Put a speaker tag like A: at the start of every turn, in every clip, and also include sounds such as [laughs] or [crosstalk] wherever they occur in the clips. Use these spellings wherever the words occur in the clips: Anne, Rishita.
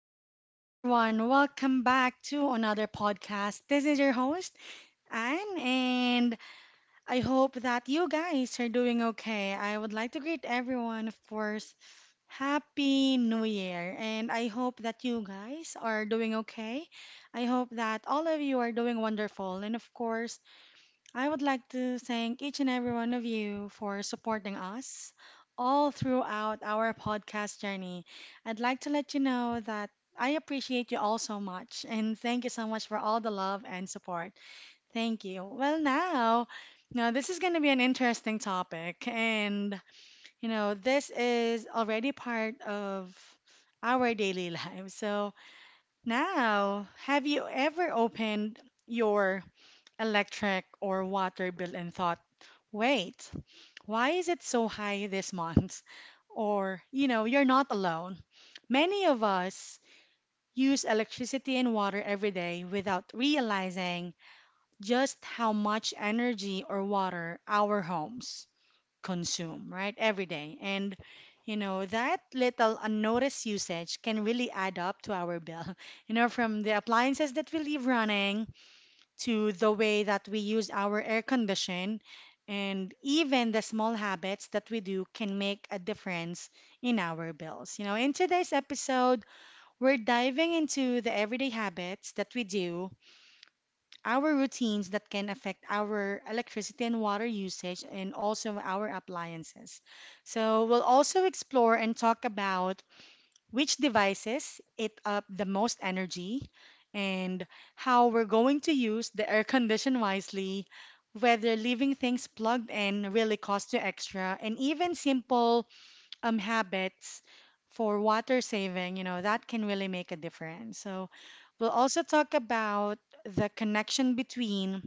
A: good morning, everyone. Welcome back to another podcast. This is your host, Anne, and I hope that you guys are doing okay. I would like to greet everyone, of course. Happy New Year, and I hope that you guys are doing okay. I hope that all of you are doing wonderful, and of course, I would like to thank each and every one of you for supporting us all throughout our podcast journey. I'd like to let you know that I appreciate you all so much and thank you so much for all the love and support. Thank you. Well, now this is going to be an interesting topic and this is already part of our daily [laughs] lives. So, now, have you ever opened your electric or water bill and thought, wait, why is it so high this month? [laughs] Or, you're not alone. Many of us use electricity and water every day without realizing just how much energy or water our homes consume, right? Every day. And, that little unnoticed usage can really add up to our bill. [laughs] You know, from the appliances that we leave running to the way that we use our air condition, and even the small habits that we do can make a difference in our bills. You know, in today's episode, we're diving into the everyday habits that we do, our routines that can affect our electricity and water usage, and also our appliances. So, we'll also explore and talk about which devices eat up the most energy, and how we're going to use the air condition wisely, whether leaving things plugged in really costs you extra, and even simple habits for water saving, that can really make a difference. So we'll also talk about the connection between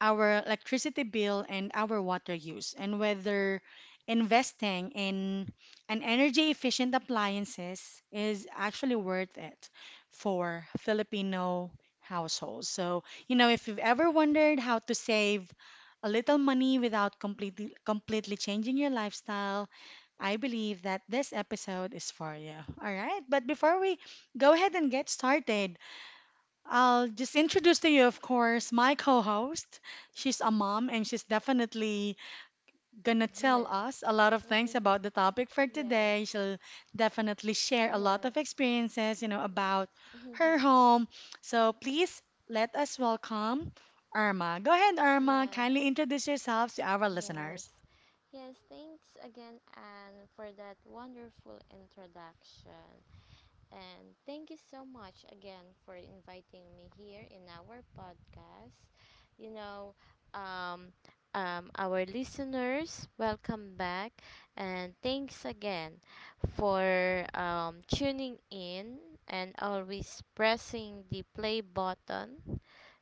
A: our electricity bill and our water use, and whether investing in an energy efficient appliances is actually worth it for Filipino households. So, if you've ever wondered how to save a little money without completely changing your lifestyle, I believe that this episode is for you. All right, but before we go ahead and get started, I'll just introduce to you, of course, my co host. She's a mom and she's definitely gonna tell
B: Yes.
A: us a lot of things about
B: [laughs]
A: the topic for today.
B: yes.
A: She'll definitely share a lot of
B: Yes.
A: experiences, about
B: Yes.
A: her
B: [laughs]
A: home. So please let us welcome Irma. Go ahead, Irma.
B: yes.
A: Kindly introduce yourselves to our
B: Yes.
A: listeners.
B: Yes. Thanks again, Anne, for that wonderful introduction. And thank you so much again for inviting me here in our podcast. You know, um, our listeners, welcome back. And thanks again for tuning in and always pressing the play button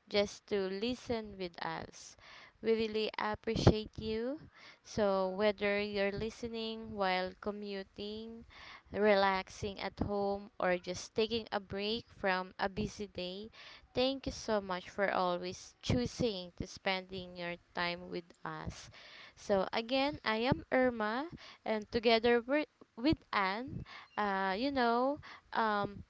B: just to listen with us. We really appreciate you. So, whether you're listening while commuting, relaxing at home, or just taking a break from a busy day, thank you so much for always choosing to spending your time with us. So again, I am Irma, and together with Anne, uh, you know, um,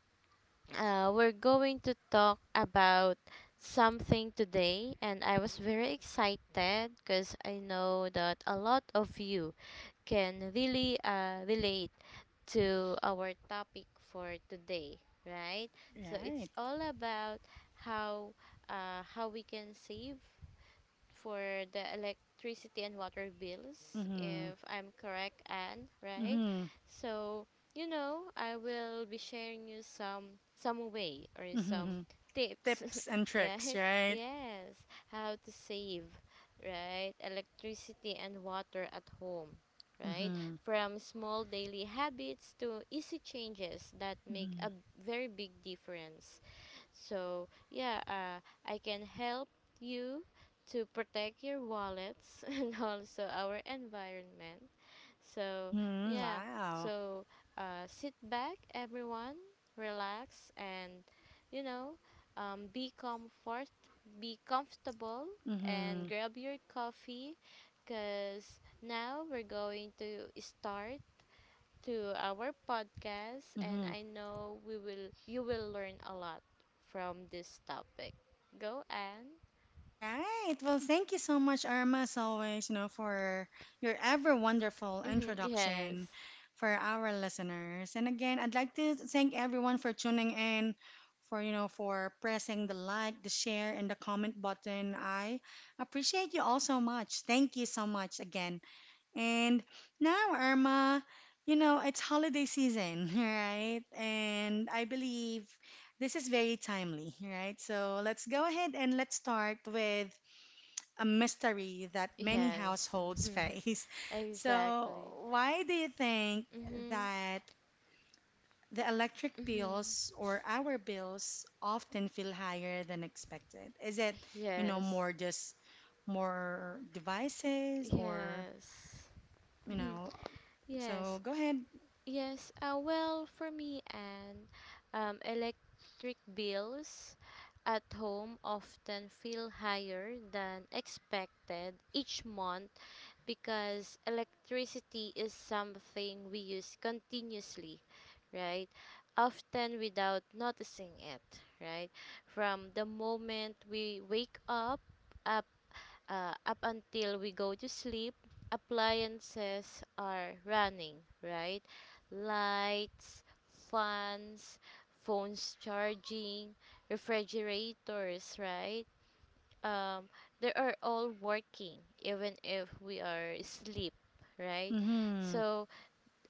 B: we're going to talk about something today, and I was very excited because I know that a lot of you can really relate to our topic for today, right? So it's
A: Right.
B: all about how how we can save for the electricity and water bills,
A: Mm-hmm.
B: if I'm correct, Anne, right?
A: Mm-hmm.
B: So, you know, I will be sharing you some way or some
A: Mm-hmm.
B: tips,
A: Tips and
B: [laughs]
A: tricks,
B: right?
A: right?
B: Yes, how to save, right? Electricity and water at home, right?
A: Mm-hmm.
B: From small daily habits to easy changes that make
A: Mm-hmm.
B: a very big difference. So, I can help you to protect your wallets [laughs] and also our environment. So,
A: Mm-hmm.
B: yeah,
A: Wow.
B: so sit back, everyone, relax, and you know, um, be comfort, be comfortable,
A: Mm-hmm.
B: and grab your coffee because now we're going to start to our podcast and I know we will you will learn a lot from this topic. Go and
A: Right. Well, thank you so much, Irma, as always, for your ever wonderful
B: hmm
A: introduction
B: yes.
A: for our listeners. And again, I'd like to thank everyone for tuning in, for, for pressing the like, the share, and the comment button. I appreciate you all so much. Thank you so much again. And now, Irma, it's holiday season, [laughs] right? And I believe this is very timely, right? So let's go ahead and let's start with a mystery that many
B: Yes.
A: households face. [laughs]
B: [laughs]
A: So,
B: exactly.
A: why do you think
B: Mhm.
A: that the electric
B: Mhm.
A: bills or our bills often feel higher than expected? Is it,
B: Yes.
A: more just more devices or,
B: Yes.
A: you
B: Mhm.
A: know, so
B: Yes.
A: go ahead.
B: Yes, well, for me and electric bills at home often feel higher than expected each month because electricity is something we use continuously, right? Often without noticing it, right? From the moment we wake up, up until we go to sleep, appliances are running, right? Lights, fans, phones charging, refrigerators, right? Um, they are all working even if we are asleep, right?
A: Mm-hmm.
B: So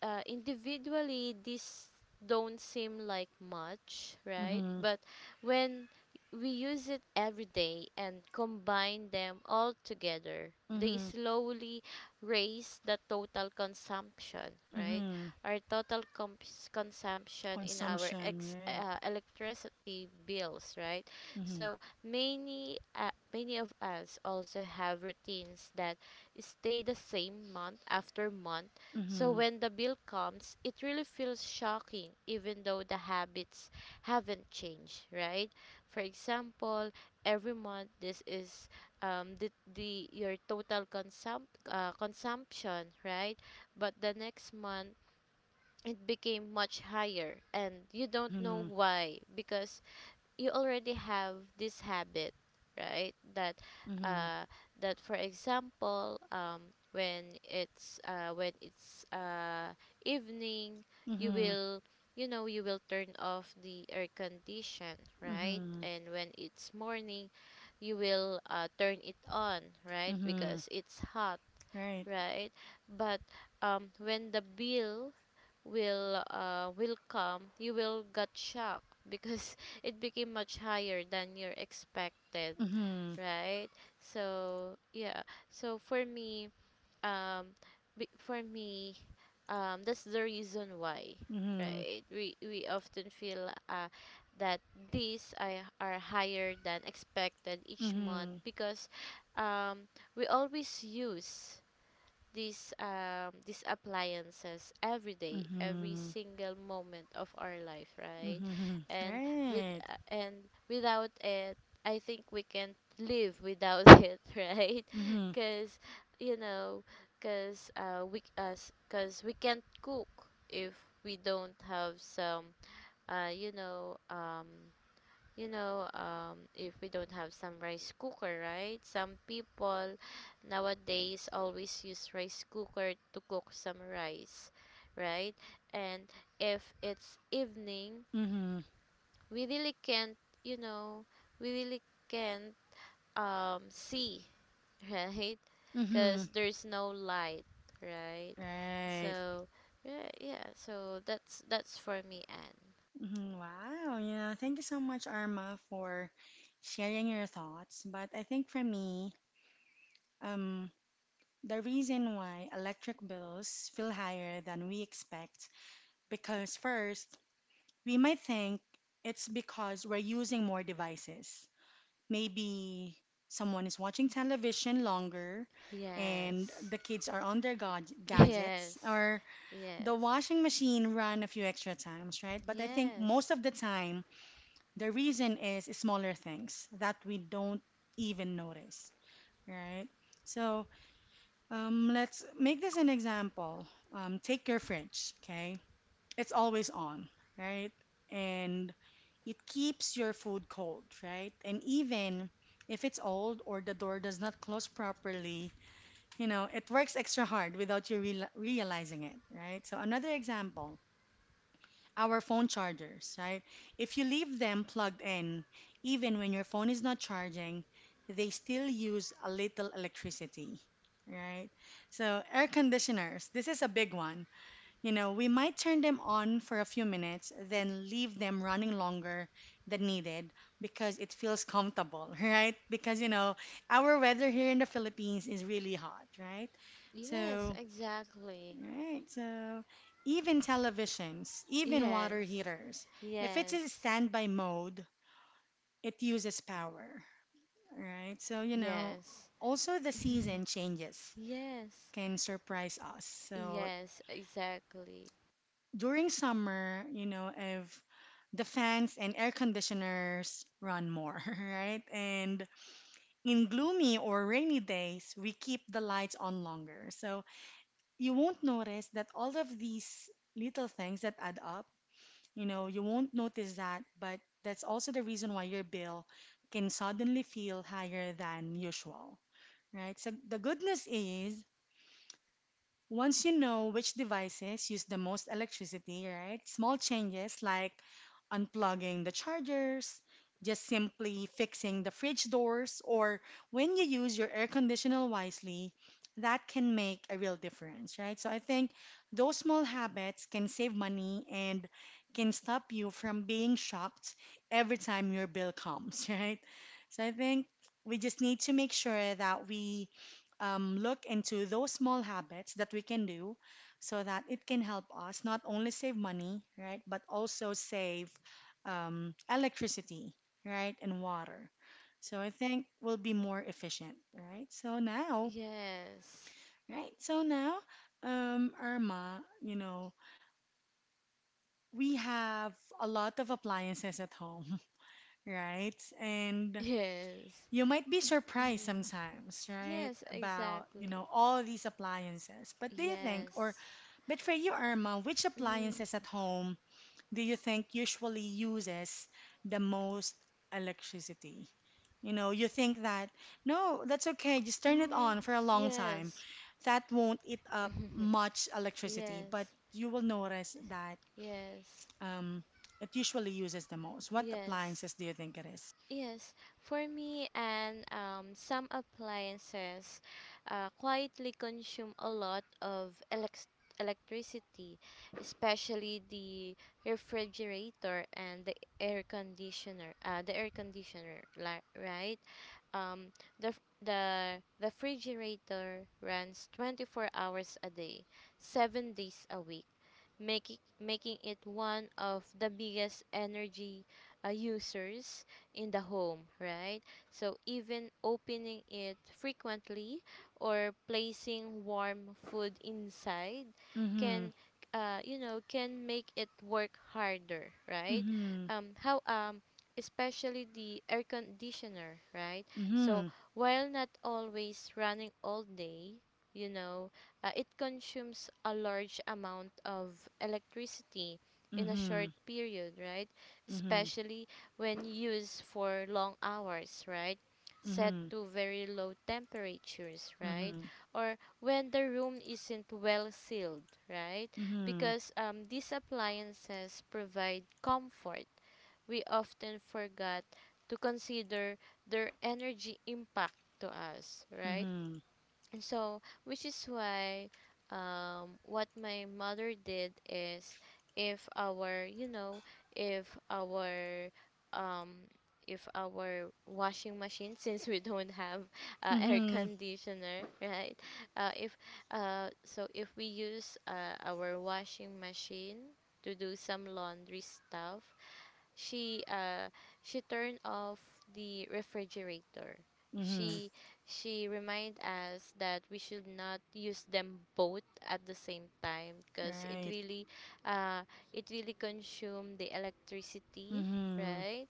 B: individually these don't seem like much, right?
A: Mm-hmm.
B: But when we use it every day and combine them all together, they
A: Mm-hmm.
B: slowly raise the total consumption, right?
A: Mm-hmm.
B: Our total consumption in our
A: Consumption, right?
B: electricity bills, right?
A: Mm-hmm.
B: So many of us also have routines that stay the same month after month, so
A: Mm-hmm.
B: when the bill comes, it really feels shocking, even though the habits haven't changed, right? For example, every month this is the your total consumption, right? But the next month it became much higher, and you don't know
A: Mm-hmm.
B: why because you already have this habit, right? that
A: Mm-hmm.
B: uh that for example, when it's evening, you
A: Mm-hmm.
B: will you know you will turn off the air condition, right?
A: Mm-hmm.
B: And when it's morning, you will turn it on, right?
A: Mm-hmm.
B: Because it's hot,
A: Right.
B: right? But when the bill will come, you will get shocked because [laughs] it became much higher than you're expected,
A: Mm-hmm.
B: right? So yeah, so for me, um, for me, that's the reason why,
A: Mm-hmm.
B: right? We often feel that these I are higher than expected each month
A: Mm-hmm.
B: because um, we always use these these appliances every day, every
A: Mm-hmm.
B: single moment of our life, right?
A: Mm-hmm.
B: And with
A: Right.
B: uh, and without it I think we can't live without [laughs] it, right?
A: Mm-hmm.
B: Because you know, because we can't cook if we don't have some uh you know um if we don't have some rice cooker, right? Some people nowadays always use rice cooker to cook some rice, right? And if it's evening,
A: Mm-hmm.
B: we really can't, you know, we really can't see, [laughs] right?
A: Mm-hmm.
B: Because there's no light, right?
A: Right.
B: So, yeah, yeah. So that's for me, Anne.
A: Mm-hmm. Wow. Yeah. Thank you so much, Arma, for sharing your thoughts. But I think for me, um, the reason why electric bills feel higher than we expect, because first, we might think it's because we're using more devices. Maybe someone is watching television longer and
B: Yes,
A: the kids are on their
B: [laughs]
A: gadgets
B: yes,
A: or the
B: yes.
A: washing machine run a few extra times, right? But I think most
B: Yes.
A: of the time, the reason is smaller things that we don't even notice, right? So, let's make this an example. Take your fridge, okay? It's always on, right? And it keeps your food cold, right? And even if it's old or the door does not close properly, it works extra hard without you realizing it, right? So another example, our phone chargers, right? If you leave them plugged in, even when your phone is not charging, they still use a little electricity, right? So, air conditioners, this is a big one. You know, we might turn them on for a few minutes, then leave them running longer than needed because it feels comfortable, [laughs] right? Because, our weather here in the Philippines is really hot, right?
B: Yes,
A: So,
B: exactly.
A: right. So even televisions, even water
B: Yes.
A: heaters, if it's in
B: Yes.
A: standby mode, it uses power. Right. So,
B: Yes.
A: also the season
B: [laughs]
A: changes
B: yes.
A: can surprise us. So
B: Yes, exactly.
A: during summer, if the fans and air conditioners run more, [laughs] right? And in gloomy or rainy days, we keep the lights on longer. So you won't notice that all of these little things that add up. You won't notice that, but that's also the reason why your bill can suddenly feel higher than usual, right? So the goodness is, once you know which devices use the most electricity, right? Small changes like unplugging the chargers, just simply fixing the fridge doors, or when you use your air conditioner wisely, that can make a real difference, right? So I think those small habits can save money and can stop you from being shocked every time your bill comes, [laughs] right? So I think we just need to make sure that we look into those small habits that we can do so that it can help us not only save money, right, but also save electricity, right, and water. So I think we'll be more efficient, right? So now,
B: Yes.
A: right? So now, Irma, we have a lot of appliances at home, [laughs] right? And
B: Yes.
A: you might be surprised
B: Mm.
A: sometimes, right,
B: Yes,
A: about,
B: exactly.
A: all these appliances. But do you think, or
B: Yes.
A: But for you, Irma, which
B: Mm.
A: appliances at home do you think usually uses the most electricity? You know, you think that, no, that's okay, just turn it
B: Mhm.
A: on for a long time.
B: Yes.
A: That won't eat up
B: [laughs]
A: much electricity, but
B: yes.
A: you will notice that
B: Yes.
A: um, it usually uses the most. What
B: Yes.
A: appliances do you think it is?
B: Yes, for me and some appliances quietly consume a lot of electricity, especially the refrigerator and the air conditioner. The air conditioner, li right? Um, the f- the refrigerator runs 24 hours a day, 7 days a week, making it one of the biggest energy users in the home, right? So even opening it frequently or placing warm food inside
A: Mm-hmm.
B: can can make it work harder, right?
A: Mm-hmm.
B: How especially the air conditioner, right? So
A: Mm-hmm.
B: while not always running all day, you know, it consumes a large amount of electricity in a
A: Mm-hmm.
B: short period, right?
A: Mm-hmm.
B: Especially when used for long hours, right? Set
A: Mm-hmm.
B: to very low temperatures, right?
A: Mm-hmm.
B: Or when the room isn't well sealed, right?
A: Mm-hmm.
B: Because these appliances provide comfort, we often forgot to consider their energy impact to us, right?
A: Mm-hmm.
B: And so, which is why what my mother did is if our, you know, if our, um, if our washing machine, [laughs] since we don't have air
A: Mm-hmm.
B: conditioner, right? Uh, if if we use our washing machine to do some laundry stuff, she uh she turned off the refrigerator.
A: Mm-hmm.
B: She she remind us that we should not use them both at the same time because
A: Right.
B: uh it really consume the electricity,
A: Mm-hmm.
B: right?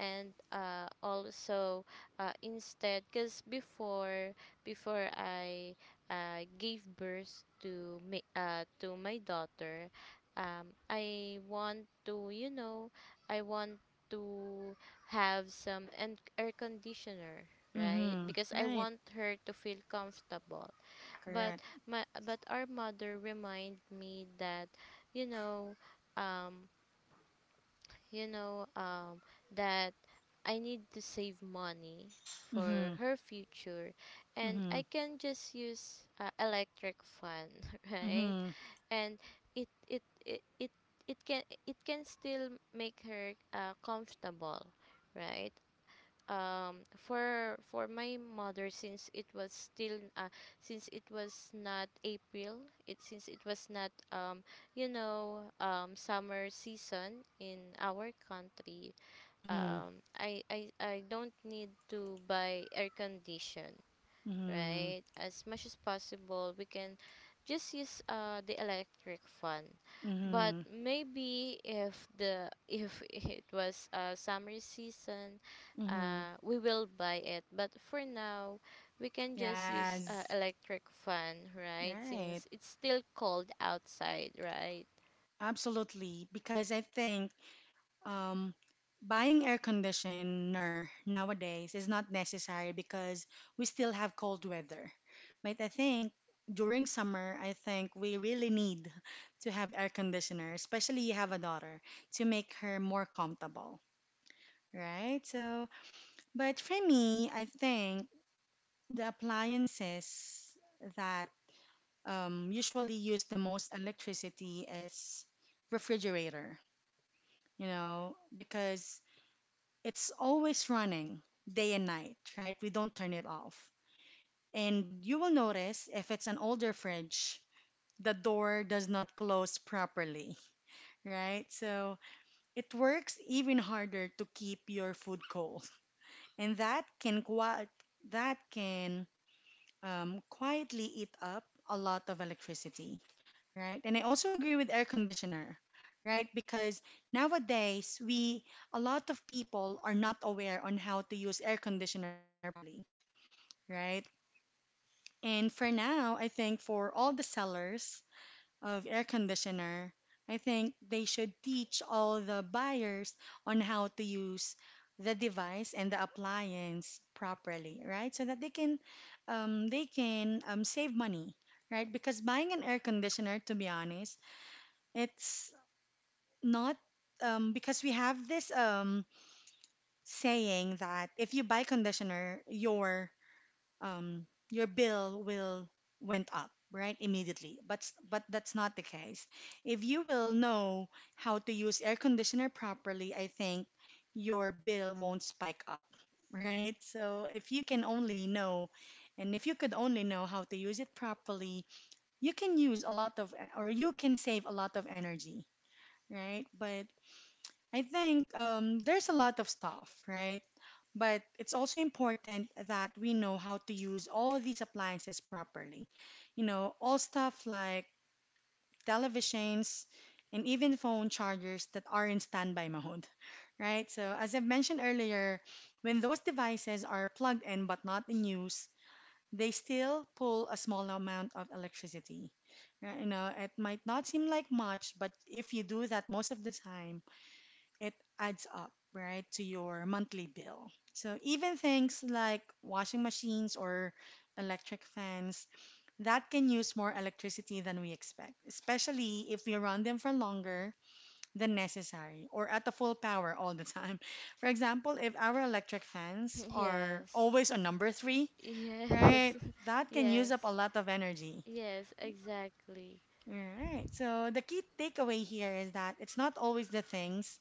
B: And also, instead because before I gave birth to me to my daughter, I want to, you know, I want to have some and air conditioner, right?
A: Mm-hmm.
B: Because I
A: Right.
B: want her to feel comfortable. But
A: Correct.
B: my but our mother remind me that, you know, um, you know, um, that I need to save money for
A: Mm-hmm.
B: her future, and
A: Mm-hmm.
B: I can just use electric fan, [laughs] right?
A: Mm-hmm.
B: And it it it it, it can still make her comfortable, right? For my mother, since it was still since it was not April, it since it was not you know summer season in our country,
A: Mm-hmm.
B: I don't need to buy air condition,
A: Mm-hmm.
B: right? As much as possible, we can just use the electric fan. But
A: Mm-hmm.
B: maybe if the if [laughs] it was summer season,
A: Mm-hmm.
B: we will buy it. But for now, we can just use
A: Yes.
B: electric fan, right?
A: Right.
B: Since it's still cold outside, right?
A: Absolutely. Because I think um buying air conditioner nowadays is not necessary because we still have cold weather. But I think during summer, I think we really need [laughs] to have air conditioner, especially you have a daughter, to make her more comfortable, right? But for me, I think the appliances that usually use the most electricity is refrigerator, because it's always running day and night, right? We don't turn it off. And you will notice if it's an older fridge, the door does not close properly, [laughs] right? So it works even harder to keep your food cold. And that can quietly eat up a lot of electricity, right? And I also agree with air conditioner, right? Because nowadays we a lot of people are not aware on how to use air conditioner properly, right? And for now, I think for all the sellers of air conditioner, I think they should teach all the buyers on how to use the device and the appliance properly, right? So that they can save money, right? Because buying an air conditioner, to be honest, it's not because we have this saying that if you buy conditioner, your your bill will went up right immediately, but that's not the case. If you will know how to use air conditioner properly, I think your bill won't spike up, right? So if you can only know, and if you could only know how to use it properly, you can use a lot of or you can save a lot of energy, right? But I think there's a lot of stuff, right? But it's also important that we know how to use all these appliances properly. You know, all stuff like televisions and even phone chargers that are in standby mode, [laughs] right? So, as I've mentioned earlier, when those devices are plugged in but not in use, they still pull a small amount of electricity. Right? It might not seem like much, but if you do that most of the time, it adds up, right, to your monthly bill. So even things like washing machines or electric fans that can use more electricity than we expect, especially if we run them for longer than necessary or at the full power all the time. [laughs] For example, if our electric fans
B: [laughs]
A: are
B: Yes.
A: always on number three,
B: Yes.
A: right,
B: [laughs]
A: that can use up a
B: Yes.
A: lot of energy.
B: Yes, exactly.
A: All right. So the key takeaway here is that it's not always the things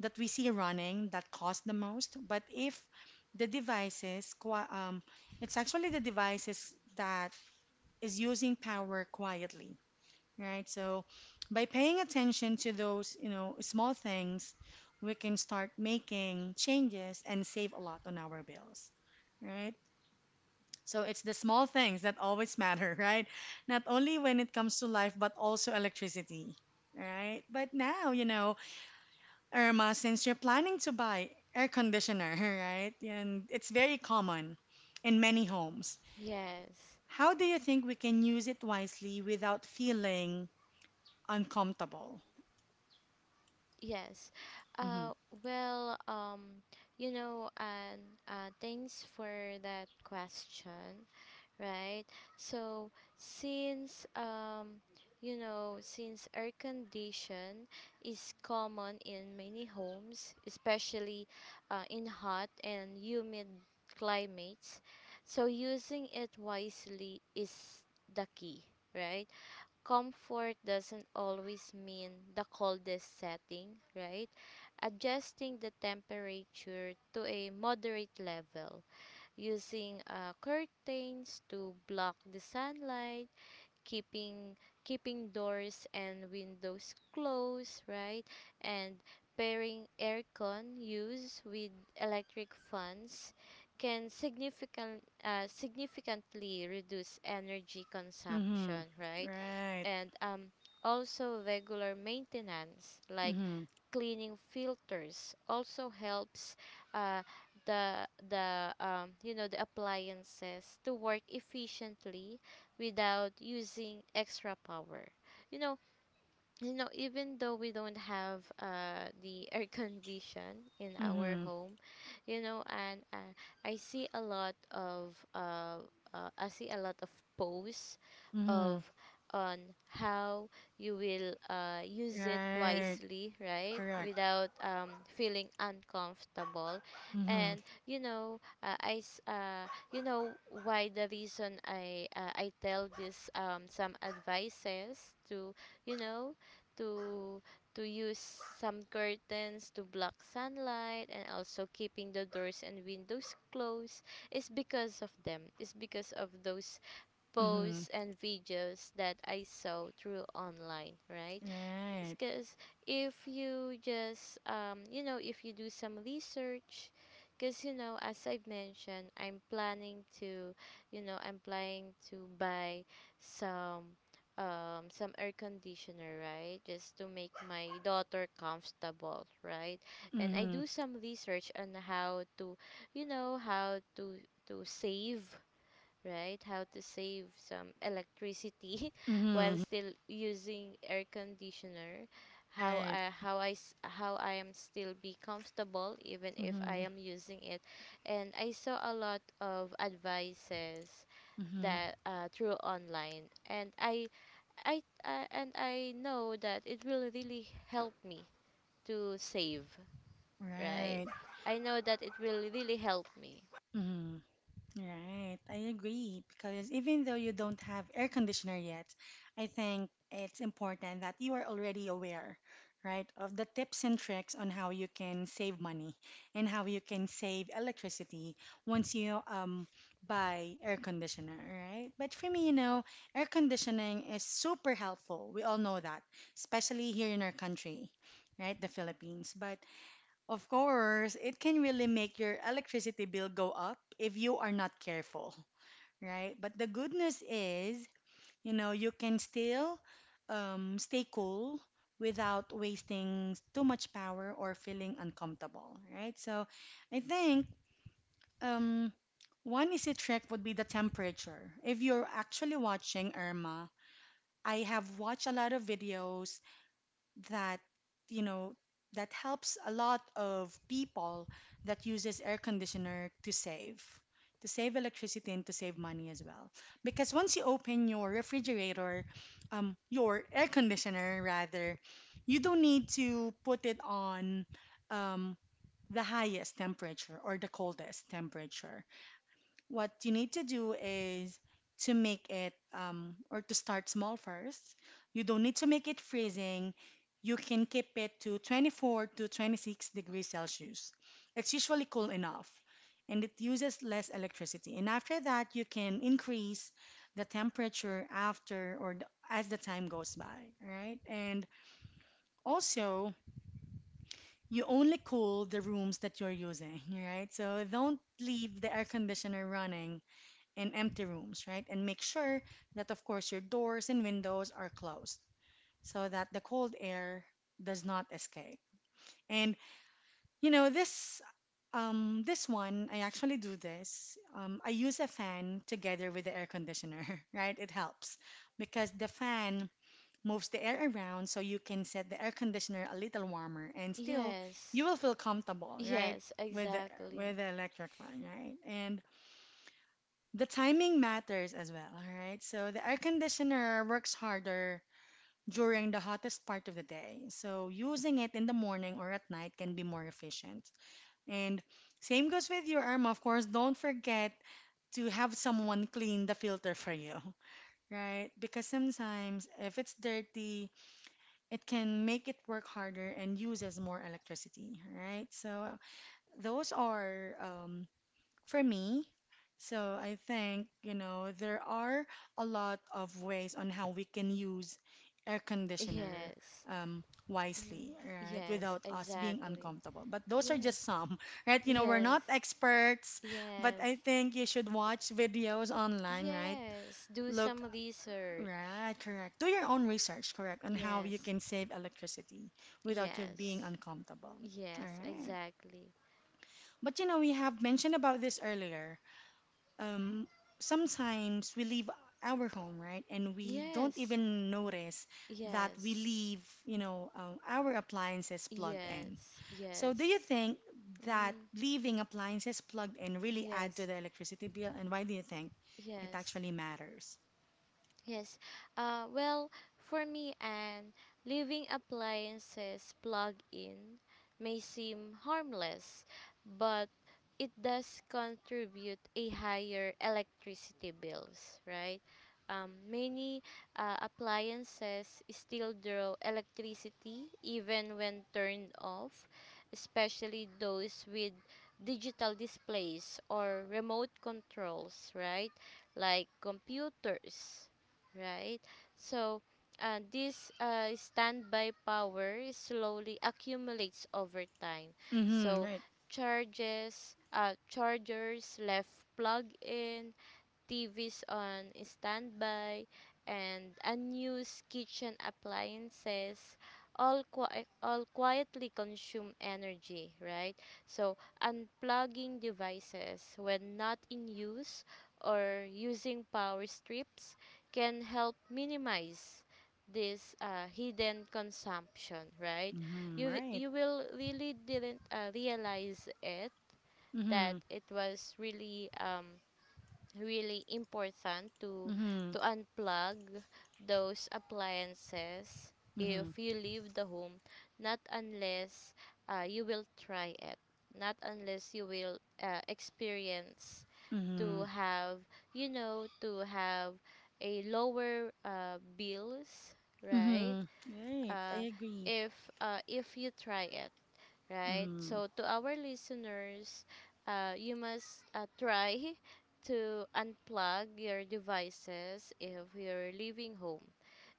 A: that we see running that cost the most. But if the devices, qui- It's actually the devices that is using power quietly, right? So by paying attention to those small things, we can start making changes and save a lot on our bills, right? So it's the small things that always [laughs] matter, right? Not only when it comes to life, but also electricity, right? But now, Irma, since you're planning to buy air conditioner, [laughs] right? And it's very common in many homes.
B: Yes.
A: How do you think we can use it wisely without feeling uncomfortable?
B: Yes.
A: Mm-hmm.
B: Uh, well, you know, and thanks for that question, right? So, since, um, since air condition is common in many homes, especially in hot and humid climates, so using it wisely is the key, right? Comfort doesn't always mean the coldest setting, right? Adjusting the temperature to a moderate level, using curtains to block the sunlight, keeping keeping doors and windows closed, right? And pairing aircon use with electric fans can significantly reduce energy
A: Mm-hmm.
B: consumption, right?
A: Right.
B: And also regular maintenance like
A: Mm-hmm.
B: cleaning filters also helps uh, the you know, the appliances to work efficiently without using extra power, you know. You know, even though we don't have the air condition in our
A: Mm-hmm.
B: home, you know, and i see a lot of uh, I see a lot of posts
A: Mm-hmm.
B: of on how you will use it
A: Right.
B: wisely, right?
A: Correct.
B: Without feeling uncomfortable.
A: Mm-hmm.
B: And you know, you know, why the reason I tell this some advices to, you know, to to use some curtains to block sunlight and also keeping the doors and windows closed is because of them. It's because of those
A: Mm-hmm.
B: posts and videos that I saw through online, right?
A: Right.
B: Because if you just if you do some research, because you know, as I've mentioned, I'm planning to, you know, I'm planning to buy some some air conditioner, right? Just to make my daughter comfortable, right? And I
A: Mm-hmm.
B: do some research on how to, you know, how to save, right? How to save some electricity [laughs] while
A: Mm-hmm.
B: still using air conditioner.
A: Right.
B: How I am still be comfortable even if I
A: Mm-hmm.
B: am using it, and I saw a lot of advices
A: Mm-hmm.
B: that through online, and I know that it will really help me to save, right?
A: Right.
B: I know that it will really help me.
A: Mm-hmm. Right, I agree because even though you don't have air conditioner yet, I think it's important that you are already aware, right, of the tips and tricks on how you can save money and how you can save electricity once you buy air conditioner, right? But for me, air conditioning is super helpful. We all know that, especially here in our country, right, the Philippines. But of course, it can really make your electricity bill go up if you are not careful, right? But the good news is, you can still stay cool without wasting too much power or feeling uncomfortable, right? So I think um, one easy trick would be the temperature. If you're actually watching Irma, I have watched a lot of videos that you know that helps a lot of people that uses air conditioner to save electricity and to save money as well because once you open your refrigerator your air conditioner rather you don't need to put it on um, the highest temperature or the coldest temperature what you need to do is to make it or to start small first. You don't need to make it freezing. You can keep it to 24 to 26 degrees Celsius. It's usually cool enough and it uses less electricity. And after that, you can increase the temperature after or the, as the time goes by, right? And also, you only cool the rooms that you're using, right? So don't leave the air conditioner running in empty rooms, right? And make sure that, of course, your doors and windows are closed so that the cold air does not escape. And you know this um, this one, I actually do this. I use a fan together with the air conditioner, [laughs] right? It helps because the fan moves the air around so you can set the air conditioner a little warmer and still you
B: Yes,
A: will feel comfortable, right?
B: yes,
A: With the with
B: exactly.
A: the electric fan, right? And the timing matters as well, all right? So the air conditioner works harder during the hottest part of the day. So using it in the morning or at night can be more efficient. And same goes with your Irma, of course. Don't forget to have someone clean the filter for you, [laughs] right? Because sometimes if it's dirty, it can make it work harder and uses more electricity, right? So those are for me, so I think, there are a lot of ways on how we can use air conditioner
B: Yes.
A: um,
B: Mm.
A: wisely, right?
B: Yes,
A: Without us being
B: exactly.
A: uncomfortable. But those are
B: Yes.
A: just some, [laughs] right? You know, we're
B: Yes.
A: not experts, but
B: Yes.
A: I think you should watch videos online, right?
B: Yes. Do
A: Look,
B: some research.
A: right, correct. Do your own research, correct, on how you
B: Yes.
A: can save electricity without you being
B: Yes.
A: uncomfortable. All
B: Yes,
A: right.
B: exactly.
A: But we have mentioned about this earlier um, sometimes we leave our home, right? And we don't
B: Yes.
A: even notice that we
B: Yes.
A: leave, our appliances plugged in.
B: Yes.
A: So, do
B: Yes.
A: you think that
B: Mm-hmm.
A: leaving appliances plugged in really add to
B: Yes.
A: the electricity bill? And why do you think it
B: Yes.
A: actually matters?
B: Yes. Well, for me, and living appliances plugged in may seem harmless, but it does contribute a higher electricity bills, right? Many appliances still draw electricity even when turned off, especially those with digital displays or remote controls, right? Like computers, right? So, this standby power slowly accumulates over time.
A: Mm-hmm,
B: So,
A: right.
B: chargers left plugged in, T V's on standby, and unused kitchen appliances all quietly consume energy, right? So unplugging devices when not in use or using power strips can help minimize this hidden consumption, right?
A: Mm-hmm,
B: You
A: right.
B: you will really didn't realize it
A: Mm-hmm,
B: that it was really really important to
A: mm-hmm,
B: to unplug those appliances
A: mm-hmm,
B: if you leave the home not unless you will try it not unless you will experience to
A: mm-hmm,
B: have to have a lower bills, right?
A: mm-hmm. Right. I
B: uh,
A: agree.
B: if uh, if you try it, right?
A: Mm-hmm,
B: So to our listeners, you must try [laughs] to unplug your devices if you're leaving home.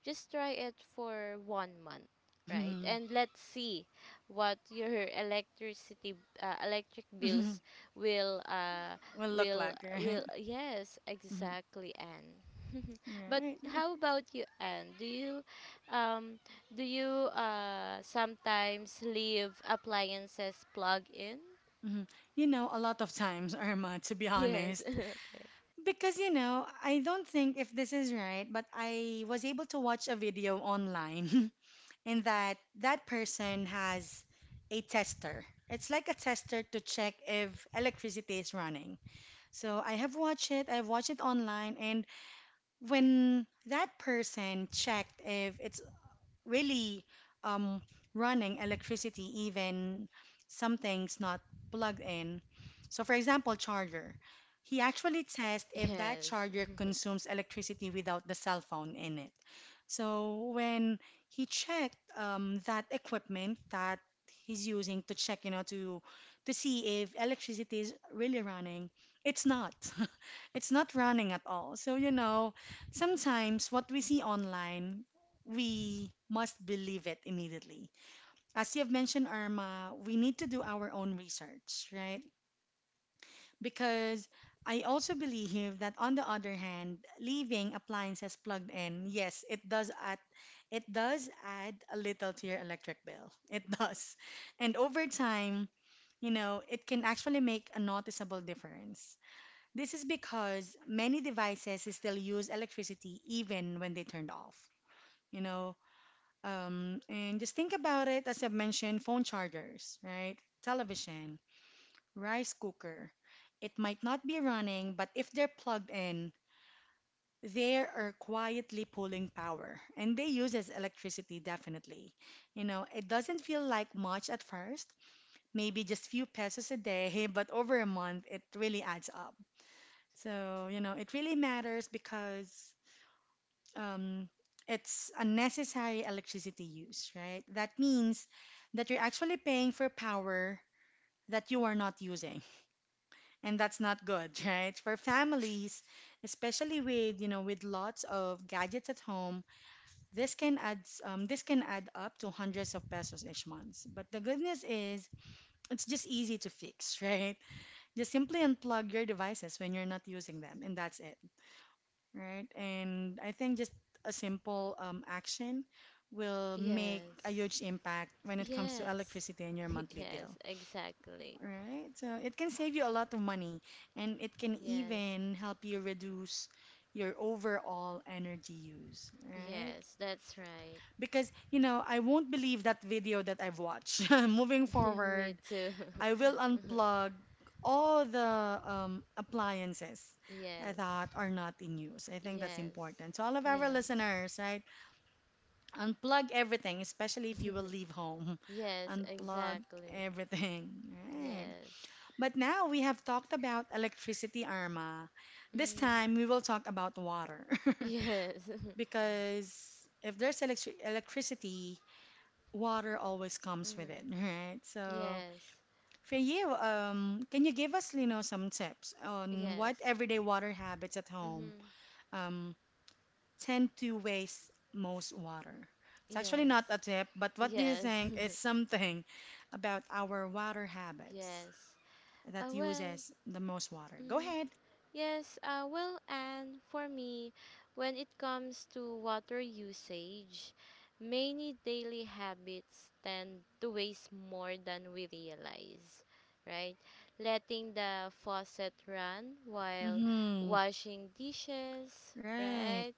B: Just try it for 1 month, right?
A: mm-hmm,
B: And let's see what [laughs] your electric
A: mm-hmm.
B: bills will
A: Will look
B: will
A: like, [laughs] right?
B: will yes
A: Mm-hmm.
B: exactly and [laughs] but
A: Right.
B: how about you, Anne? Um do you sometimes leave appliances plugged in?
A: Mhm. You know, a lot of times, [laughs] Irma, to
B: [laughs]
A: be
B: Yes.
A: honest.
B: [laughs] Okay.
A: Because, I don't think if this is right, but I was able to watch a video online [laughs] in that that person has a tester. It's like a tester to check if electricity is running. So I have watched it, I've watched it online, and when that person checked if it's really um, running electricity even something's not plugged in. So, for example, charger. He actually tests if that
B: Yes.
A: charger
B: [laughs]
A: consumes electricity without the cell phone in it. So when he checked that equipment that he's using to check, to see if electricity is really running, it's not. [laughs] It's not running at all. So sometimes what we see online, we must believe it immediately. As you've mentioned, Irma, we need to do our own research, right? Because I also believe that on the other hand, leaving appliances plugged in, yes, it does add a little to your electric bill. [laughs] It does. And over time, it can actually make a noticeable difference. This is because many devices still use electricity even when they turned off, you know. And just think about it, as I've mentioned, phone chargers, right? Television, rice cooker. It might not be running, but if they're plugged in, they are quietly pulling power. And they use as electricity, definitely. You know, it doesn't feel like much at first, maybe just few pesos a day, [laughs] but over a month, it really adds up. So, it really matters because um, it's unnecessary electricity use, right? That means that you're actually paying for power that you are not using. And that's not good [laughs] right for families especially with you know with lots of gadgets at home this can add this can add up to hundreds of pesos each month but the good news is it's just easy to fix [laughs] right just simply unplug your devices when you're not using them and that's it right and I think just a simple action will make a
B: Yes.
A: huge impact when it comes to
B: Yes.
A: electricity and your
B: [laughs]
A: monthly bill
B: Yes, exactly.
A: Right? So it can save you a lot of money and it can
B: Yes.
A: even help you reduce your overall energy use, right?
B: Yes, that's right.
A: Because, I won't believe that video that I've watched. [laughs] Moving
B: [laughs] Me
A: forward,
B: too.
A: I will unplug all the appliances
B: [laughs] Yes.
A: that are not in use. I think that's
B: Yes.
A: important. So, all of our
B: Yes.
A: listeners, right? Unplug everything, especially if you will leave home.
B: [laughs]
A: [laughs]
B: Yes,
A: Unplug
B: exactly.
A: everything, right?
B: Yes.
A: But now we have talked about electricity, Arma. This
B: Mm.
A: time we will talk about water.
B: Yes. [laughs]
A: [laughs] Because if there's electricity, water always comes with it, [laughs]
B: Mm.
A: right? So
B: Yes.
A: for you, can you give us, some tips on what
B: Yes.
A: everyday water habits at home
B: Mm-hmm.
A: um, tend to waste most water? It's actually not a
B: Yes,
A: tip, but what do you
B: yes,
A: think is
B: [laughs]
A: something about our water habits
B: yes.
A: that
B: Well,
A: uses the most water? Go
B: mm,
A: ahead.
B: yes, well, and for me, when it comes to water usage, many daily habits tend to waste more than we realize, right? Letting the faucet run while
A: Mm-hmm.
B: washing dishes,
A: Right.
B: right?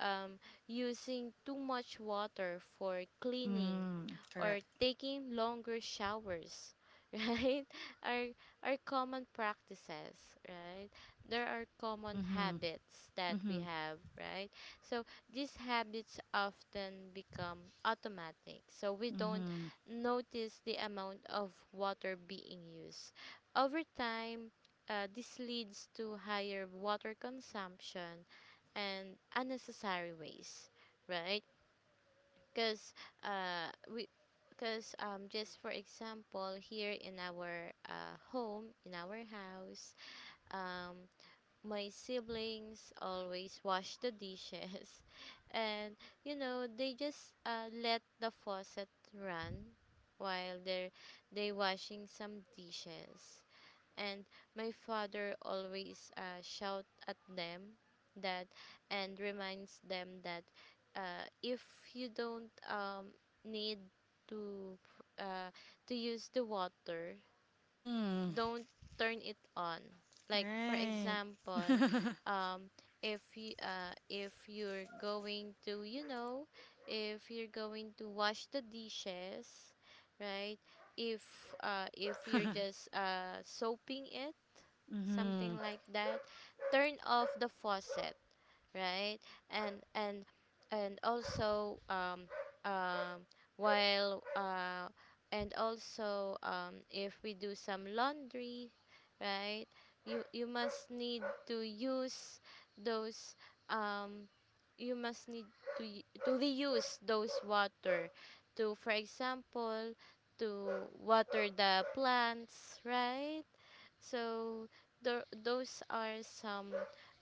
B: Um, using too much water for cleaning
A: Mm,
B: or
A: correct.
B: taking longer showers, [laughs] right? Are are common practices, right? There are common
A: Mm-hmm.
B: habits that we
A: Mm-hmm.
B: have, right? So these habits often become automatic. So we don't notice the amount of water being used. Over time, this leads to higher water consumption and unnecessary waste, right? Because we because just for example here in our home in our house, um my siblings always wash the dishes [laughs] and you know they just let the faucet run while they washing some dishes, and my father always shout at them that and reminds them that, if you don't need to uh, to use the water,
A: Mm-hmm. Mm,
B: don't turn it on. Like for
A: right.
B: example,
A: [laughs]
B: um, if you if you're going to, you know, if you're going to wash the dishes, right? If if you're just soaping it, something
A: Mm-hmm.
B: like that, turn off the faucet, right? And and and also um while and also, um, if we do some laundry, right? You must need to use those, um you must need to to reuse those water to, for example, to water the plants, right? So tho- those are some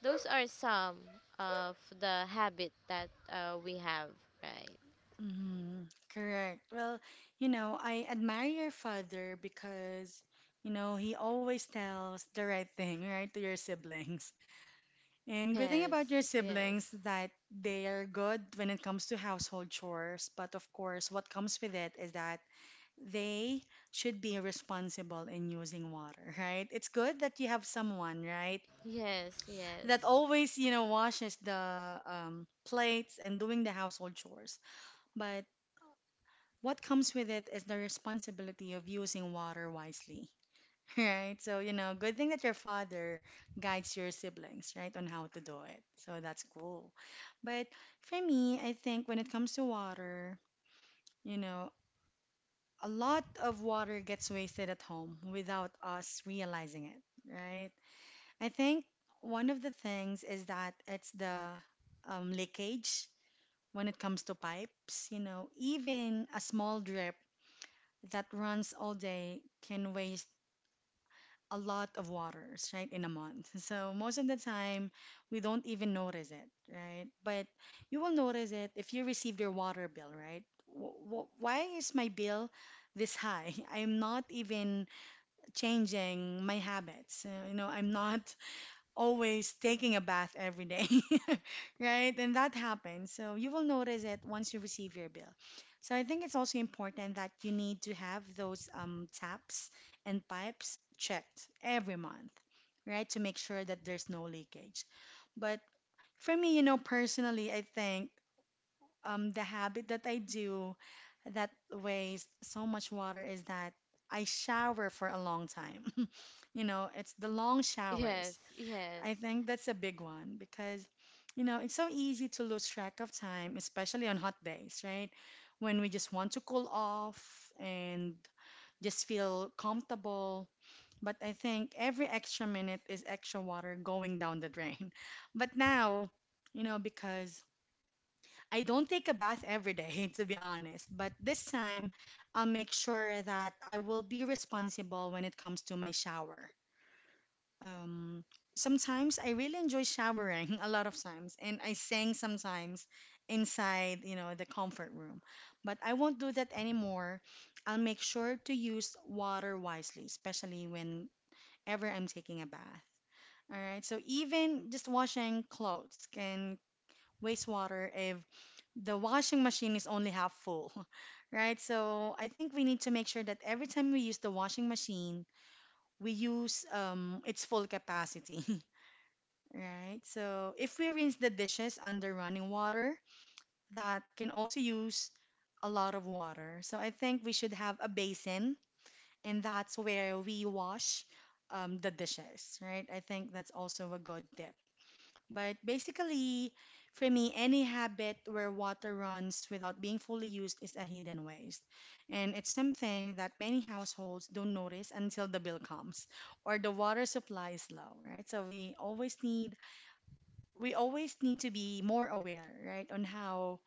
B: those are some of the habit that we have, right? [laughs]
A: Mm-hmm. Correct. Well, I admire your father because, he always tells the right thing, right, to your siblings. And good thing about
B: Yes,
A: your
B: yes,
A: siblings that they are good when it comes to household chores, but of course, what comes with it is that they should be responsible in using water, [laughs] right? It's good that you have someone, right, that
B: yes,
A: always, washes the plates and doing the household chores. But what comes with it is the responsibility of using water wisely, [laughs] right? So, good thing that your father guides your siblings, right, on how to do it. So that's cool. But for me, I think when it comes to water, you know, a lot of water gets wasted at home without us realizing it, right? I think one of the things is that it's the leakage when it comes to pipes. You know, even a small drip that runs all day can waste a lot of waters, right, in a month. [laughs] So most of the time, we don't even notice it, right? But you will notice it if you receive your water bill, right? Why is my bill this high? [laughs] I'm not even changing my habits. You know, I'm not always taking a bath every day, [laughs] right? And that happens. So you will notice it once you receive your bill. So I think it's also important that you need to have those taps and pipes checked every month, right? To make sure that there's no leakage. But for me, you know, personally, I think the habit that I do that wastes so much water is that I shower for a long time. [laughs] You know, it's the long
B: yes,
A: showers.
B: yes,
A: I think that's a big one because, you know, it's so easy to lose track of time, especially on hot days, right? When we just want to cool off and just feel comfortable. But I think every extra minute is extra water going down the drain. [laughs] But now, you know, because I don't take a bath every day, [laughs] to be honest, but this time I'll make sure that I will be responsible when it comes to my shower. Um, Sometimes I really enjoy showering [laughs] a lot of times, and I sing sometimes inside, you know, the comfort room. But I won't do that anymore. I'll make sure to use water wisely, especially whenever I'm taking a bath. All right, so even just washing clothes can waste water if the washing machine is only half full, [laughs] right? So I think we need to make sure that every time we use the washing machine, we use its full capacity, [laughs] right? So if we rinse the dishes under running water, that can also use a lot of water. So I think we should have a basin, and that's where we wash the dishes, right? I think that's also a good tip. But basically, for me, any habit where water runs without being fully used is a hidden waste. And it's something that many households don't notice until the bill comes or the water supply is low, right? So we always need to be more aware, right, on how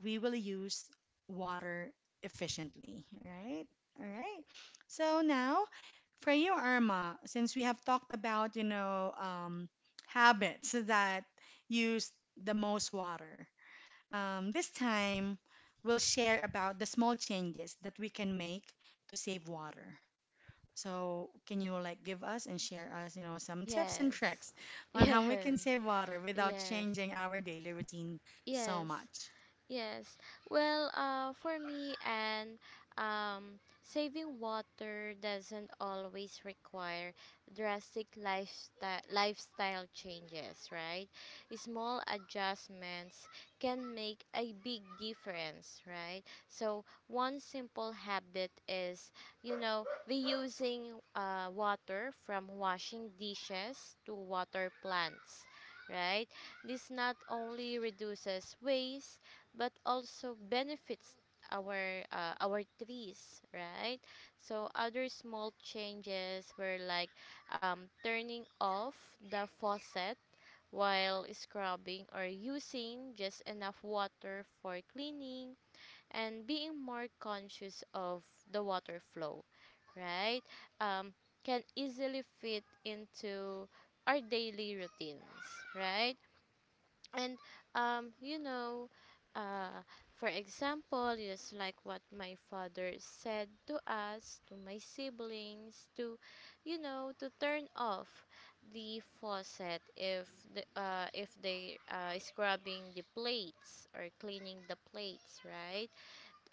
A: we will use water efficiently, right? All right. So now, for you, Irma, since we have talked about, you know, habits that use the most water, this time we'll share about the small changes that we can make to save water. So, can you like give us and share us, you know, some tips and
B: yes,
A: tricks on
B: yes,
A: how
B: [laughs]
A: we
B: yes,
A: can save water without
B: yes,
A: changing our daily routine so
B: yes.
A: much?
B: Yes. Well, for me, and saving water doesn't always require drastic lifestyle changes, right? Small adjustments can make a big difference, right? So one simple habit is, you know, reusing water from washing dishes to water plants, right? This not only reduces waste but also benefits our trees, right? So other small changes were like turning off the faucet while scrubbing or using just enough water for cleaning and being more conscious of the water flow, right? um, can easily fit into our daily routines, right? And um you know uh for example, just like what my father said to us to my siblings to, you know, to turn off the faucet if the if they scrubbing the plates or cleaning the plates, right?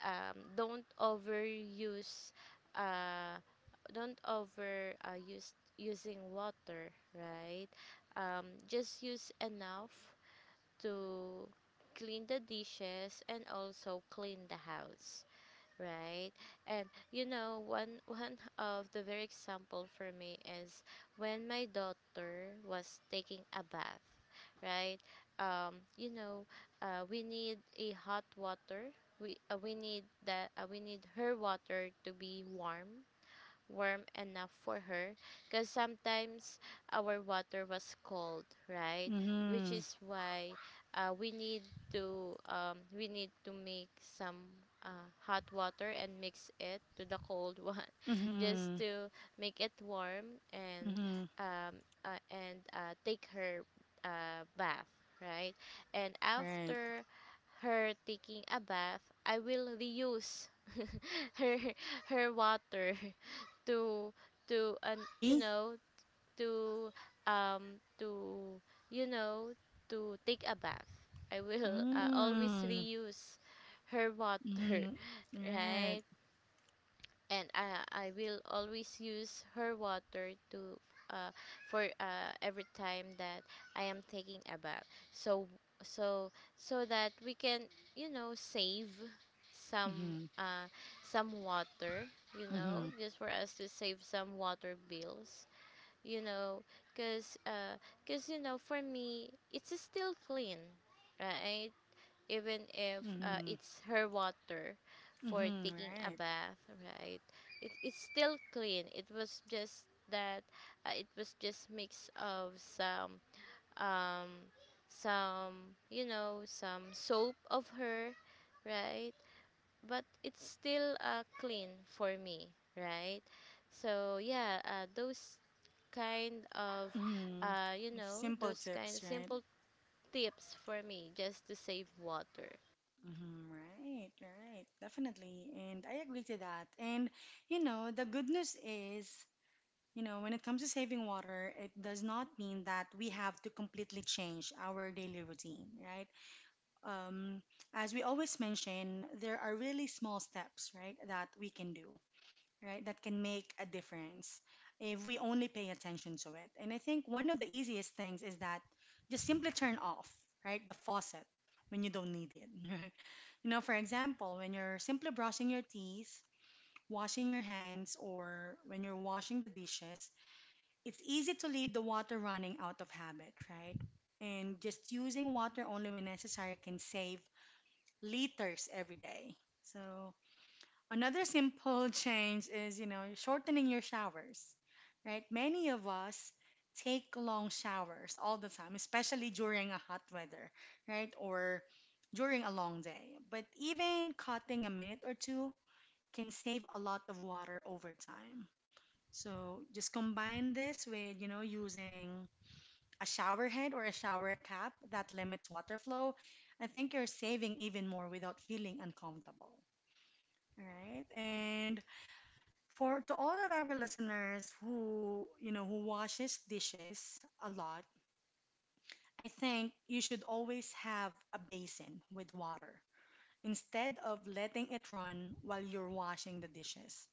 B: don't overuse, uh don't over use using water, right? Just use enough to clean the dishes and also clean the house, right? And you know, one [laughs] one of the very example for me is when my daughter was taking a bath, right? You know, we need a hot water. We need that we need her water to be warm, warm enough for her, because sometimes our water was cold, right? Which
A: Mm-hmm.
B: is why uh, we need we need to make some hot water and mix it to the cold [laughs] one, just
A: Mm-hmm.
B: to make it warm, and
A: Mm-hmm.
B: um, take her bath, right? And
A: Right.
B: after her taking a bath, I will reuse [laughs] her her water [laughs] to
A: Oh,
B: to and you
A: really?
B: know, to um to you know, to take a bath. I will always
A: Mm.
B: reuse her water,
A: Mm-hmm.
B: [laughs]
A: Right.
B: right? And I will always use her water to, uh, for every time that I am taking a bath. So so so that we can, you know, save some
A: Mm-hmm.
B: uh, some water, you know,
A: Mm-hmm.
B: just for us to save some water bills, you know, because cause, you know, for me it's still clean, right? Even if
A: Mm-hmm.
B: it's her water for
A: Mm-hmm.
B: taking a
A: Right.
B: bath, right? It, it's still clean. It was just that it was just mix of some, um some, you know, some soap of her, right? But it's still clean for me, right? So yeah, those kind of
A: Mm-hmm.
B: you know,
A: Simple
B: those kind
A: tips,
B: of
A: right?
B: simple tips for me just to save water.
A: Mm-hmm. Right. Right. Definitely. And I agree to that. And, you know, the good news is, you know, when it comes to saving water, it does not mean that we have to completely change our daily routine, right? um, as we always mention, there are really small steps, right, that we can do, right, that can make a difference if we only pay attention to it. And I think one of the easiest things is that just simply turn off, right, the faucet when you don't need it. [laughs] You know, for example, when you're simply brushing your teeth, washing your hands, or when you're washing the dishes, it's easy to leave the water running out of habit, right? And just using water only when necessary can save liters every day. So another simple change is, you know, shortening your showers, right? Many of us take long showers all the time, especially during a hot weather, right? Or during a long day. But even cutting a minute or two can save a lot of water over time. So just combine this with, you know, using a shower head or a shower cap that limits water flow. I think you're saving even more without feeling uncomfortable, right? And for to all of our listeners who, you know, who washes dishes a lot, I think you should always have a basin with water instead of letting it run while you're washing the dishes,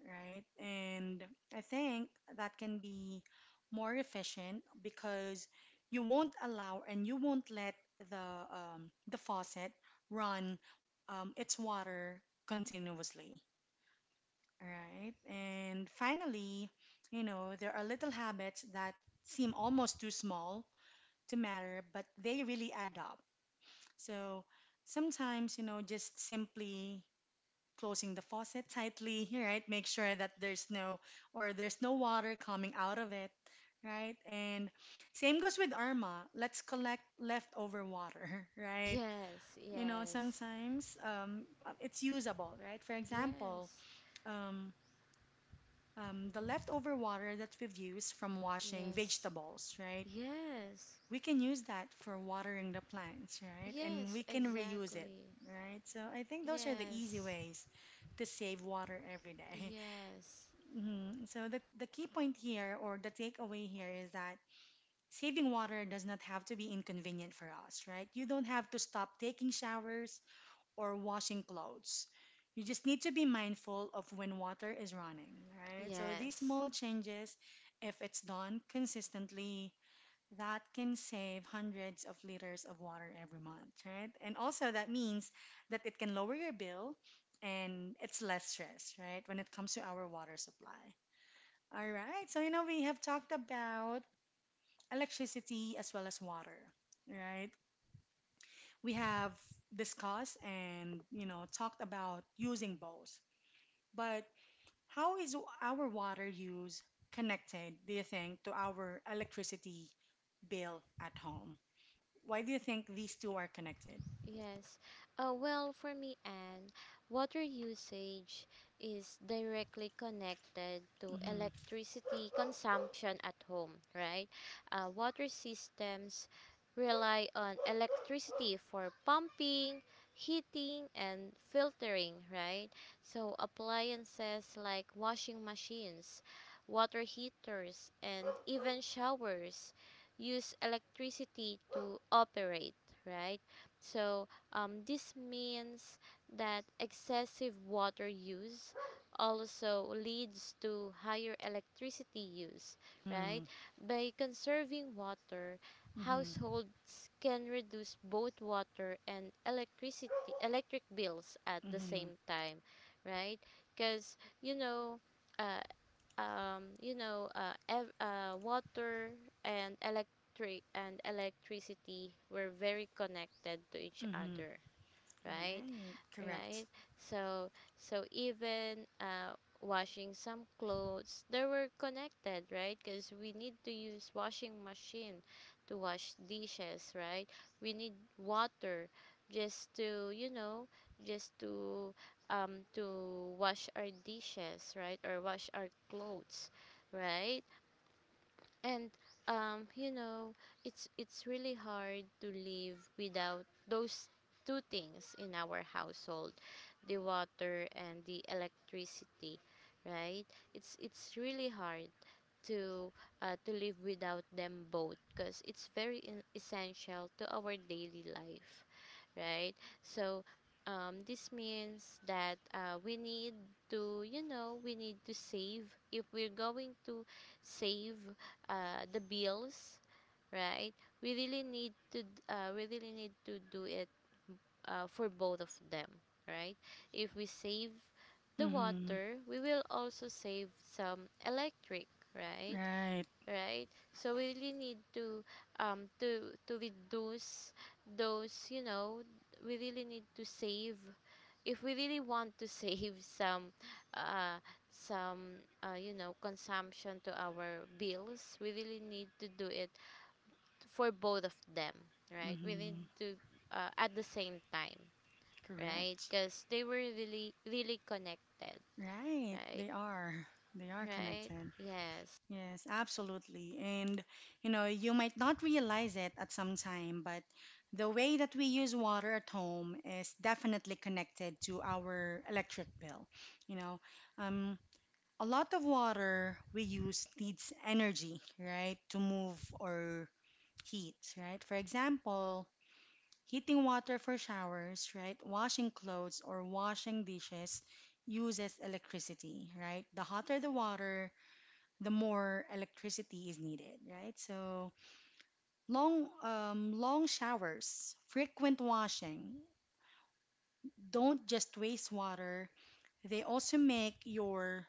A: right? And I think that can be more efficient because you won't allow and you won't let the faucet run its water continuously. Right. And finally, you know, there are little habits that seem almost too small to matter, but they really add up. So sometimes, you know, just simply closing the faucet tightly, [laughs] right? Make sure that there's no or there's no water coming out of it, right? And same goes with Arma. Let's collect leftover water, [laughs] right?
B: Yes,
A: You know,
B: yes,
A: sometimes it's usable, right? For example,
B: yes,
A: um, the leftover water that we've used from washing
B: yes,
A: vegetables, right?
B: yes,
A: We can use that for watering the plants, right? And
B: yes,
A: we can reuse it,
B: exactly.
A: right? So I think those are the easy
B: Yes,
A: ways to save water every day. [laughs]
B: yes,
A: Mhm. So the key point here or the takeaway here is that saving water does not have to be inconvenient for us, right? You don't have to stop taking showers or washing clothes. You just need to be mindful of when water is running, right? So these
B: yes,
A: small changes, if it's done consistently, that can save hundreds of liters of water every month, right? And also that means that it can lower your bill and it's less stress, right? When it comes to our water supply. All right. So, you know, we have talked about electricity as well as water, right? We have discussed and you know talked about using both, but how is our water use connected, do you think, to our electricity bill at home? Why do you think these two are connected?
B: yes. Well, for me, Anne, water usage is directly connected to
A: Mm-hmm.
B: electricity consumption at home, right? Water systems rely on electricity for pumping, heating, and filtering, right? So appliances like washing machines, water heaters, and even showers use electricity to operate, right? So, this means that excessive water use also leads to higher electricity use,
A: Mm-hmm.
B: right? By conserving water,
A: Mm-hmm.
B: households can reduce both water and electric bills at the
A: Mm-hmm.
B: same time, right? Because uh, you know, water and electricity were very connected to each
A: Mm-hmm.
B: other, right?
A: Right. Correct.
B: Right? So so even washing some clothes, they were connected, right? Because we need to use washing machine to wash dishes, right? We need water just to, you know, just to wash our dishes, right? Or wash our clothes, right? And you know, it's really hard to live without those two things in our household, the water and the electricity, right? It's really hard to to live without them both because it's very essential to our daily life, right? So this means that we need to, you know, we need to save. If we're going to save the bills, right? We really need to, we really need to do it for both of them, right? If we save the
A: Mm-hmm.
B: water, we will also save some electric, right?
A: Right.
B: Right? So we really need to to reduce those, you know, we really need to save if we really want to [laughs] save some uh you know, consumption to our bills. We really need to do it for both of them, right? We need
A: Mm-hmm.
B: to, at the same time, right?
A: Correct.
B: Because they were really really connected,
A: Right,
B: right?
A: they are. They are
B: Right,
A: connected.
B: yes,
A: Yes, absolutely. And you know, you might not realize it at some time, but the way that we use water at home is definitely connected to our electric bill. You know, um, a lot of water we use needs energy, right, to move or heat, right? For example, heating water for showers, right? Washing clothes or washing dishes uses electricity, right? The hotter the water, the more electricity is needed, right? So long, long showers, frequent washing don't just waste water; they also make your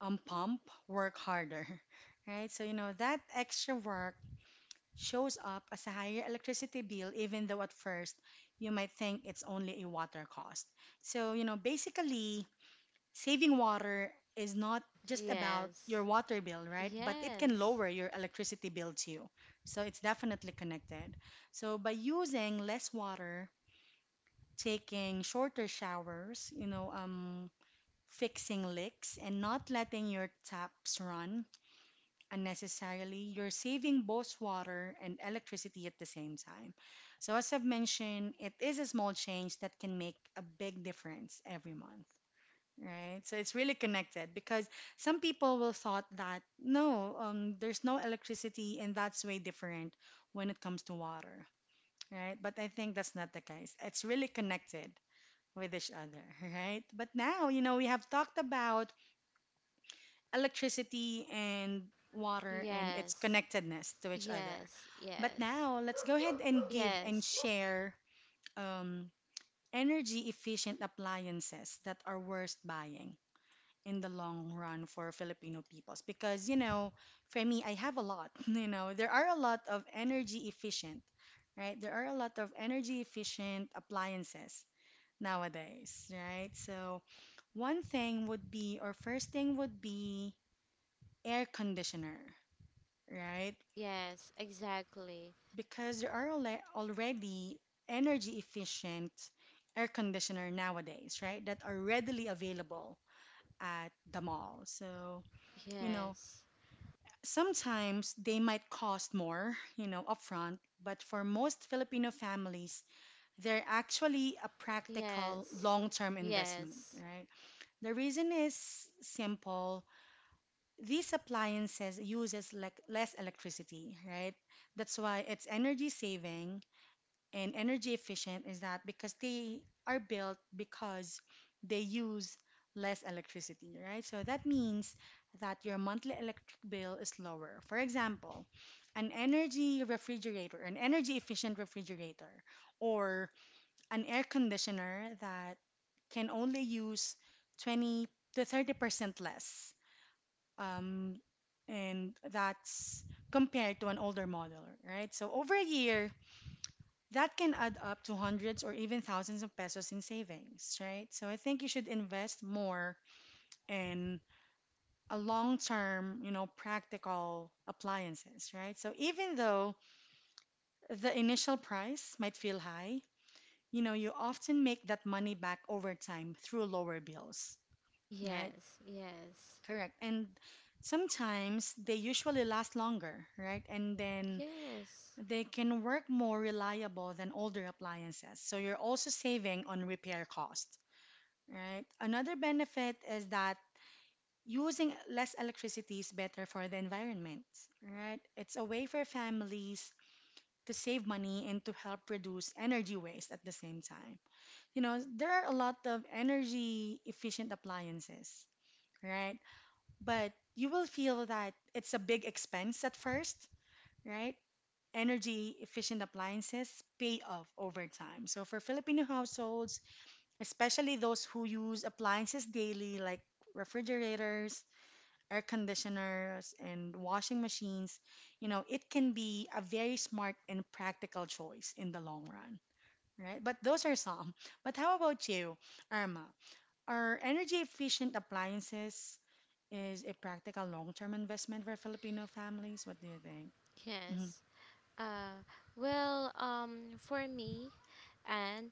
A: pump work harder, [laughs] right? So you know that extra work shows up as a higher electricity bill, even though at first you might think it's only a water cost. So you know, basically, saving water is not just about
B: yes,
A: your water bill, right? But it can
B: yes.
A: lower your electricity bill too. So it's definitely connected. So by using less water, taking shorter showers, you know, fixing leaks, and not letting your taps run unnecessarily, you're saving both water and electricity at the same time. So as I've mentioned, it is a small change that can make a big difference every month. Right. So it's really connected because some people will thought that no, there's no electricity and that's way different when it comes to water, right? But I think that's not the case. It's really connected with each other, [laughs] right? But now, you know, we have talked about electricity and water and its
B: Yes,
A: connectedness to each other.
B: yes,
A: But
B: yes,
A: now let's go ahead and give and
B: yes,
A: share um, energy efficient appliances that are worth buying in the long run for Filipino peoples, because you know for me I have a lot. [laughs] You know, there are a lot of energy efficient, right, there are a lot of energy efficient appliances nowadays, right? So one thing would be or first thing would be air conditioner, right?
B: yes, exactly.
A: Because there are already energy efficient air conditioner nowadays, right, that are readily available at the mall. So you know,
B: Yes,
A: sometimes they might cost more, you know, upfront, but for most Filipino families, they're actually a practical
B: yes,
A: long-term investment,
B: yes,
A: right? The reason is simple. These appliances uses like less electricity, right? That's why it's energy saving and energy efficient is that because they are built because they use less electricity, right? So that means that your monthly electric bill is lower. For example, an energy refrigerator, an energy efficient refrigerator, or an air conditioner that can only use 20 to 30% less. Um, and that's compared to an older model, right? So over a year, that can add up to hundreds or even thousands of pesos in savings, right? So I think you should invest more in a long-term, you know, practical appliances, right? So even though the initial price might feel high, you know, you often make that money back over time through lower bills, right?
B: yes, yes,
A: Correct. And sometimes they usually last longer, right? And then
B: yes,
A: they can work more reliable than older appliances. So you're also saving on repair costs, right? Another benefit is that using less electricity is better for the environment, right? It's a way for families to save money and to help reduce energy waste at the same time. You know, there are a lot of energy efficient appliances, right? But you will feel that it's a big expense at first, right? Energy efficient appliances pay off over time. So for Filipino households, especially those who use appliances daily, like refrigerators, air conditioners, and washing machines, you know, it can be a very smart and practical choice in the long run, right? But those are some. But how about you, Irma? Are energy efficient appliances is a practical long term investment for Filipino families? What do you think? Mhm.
B: yes. Uh, well, for me, and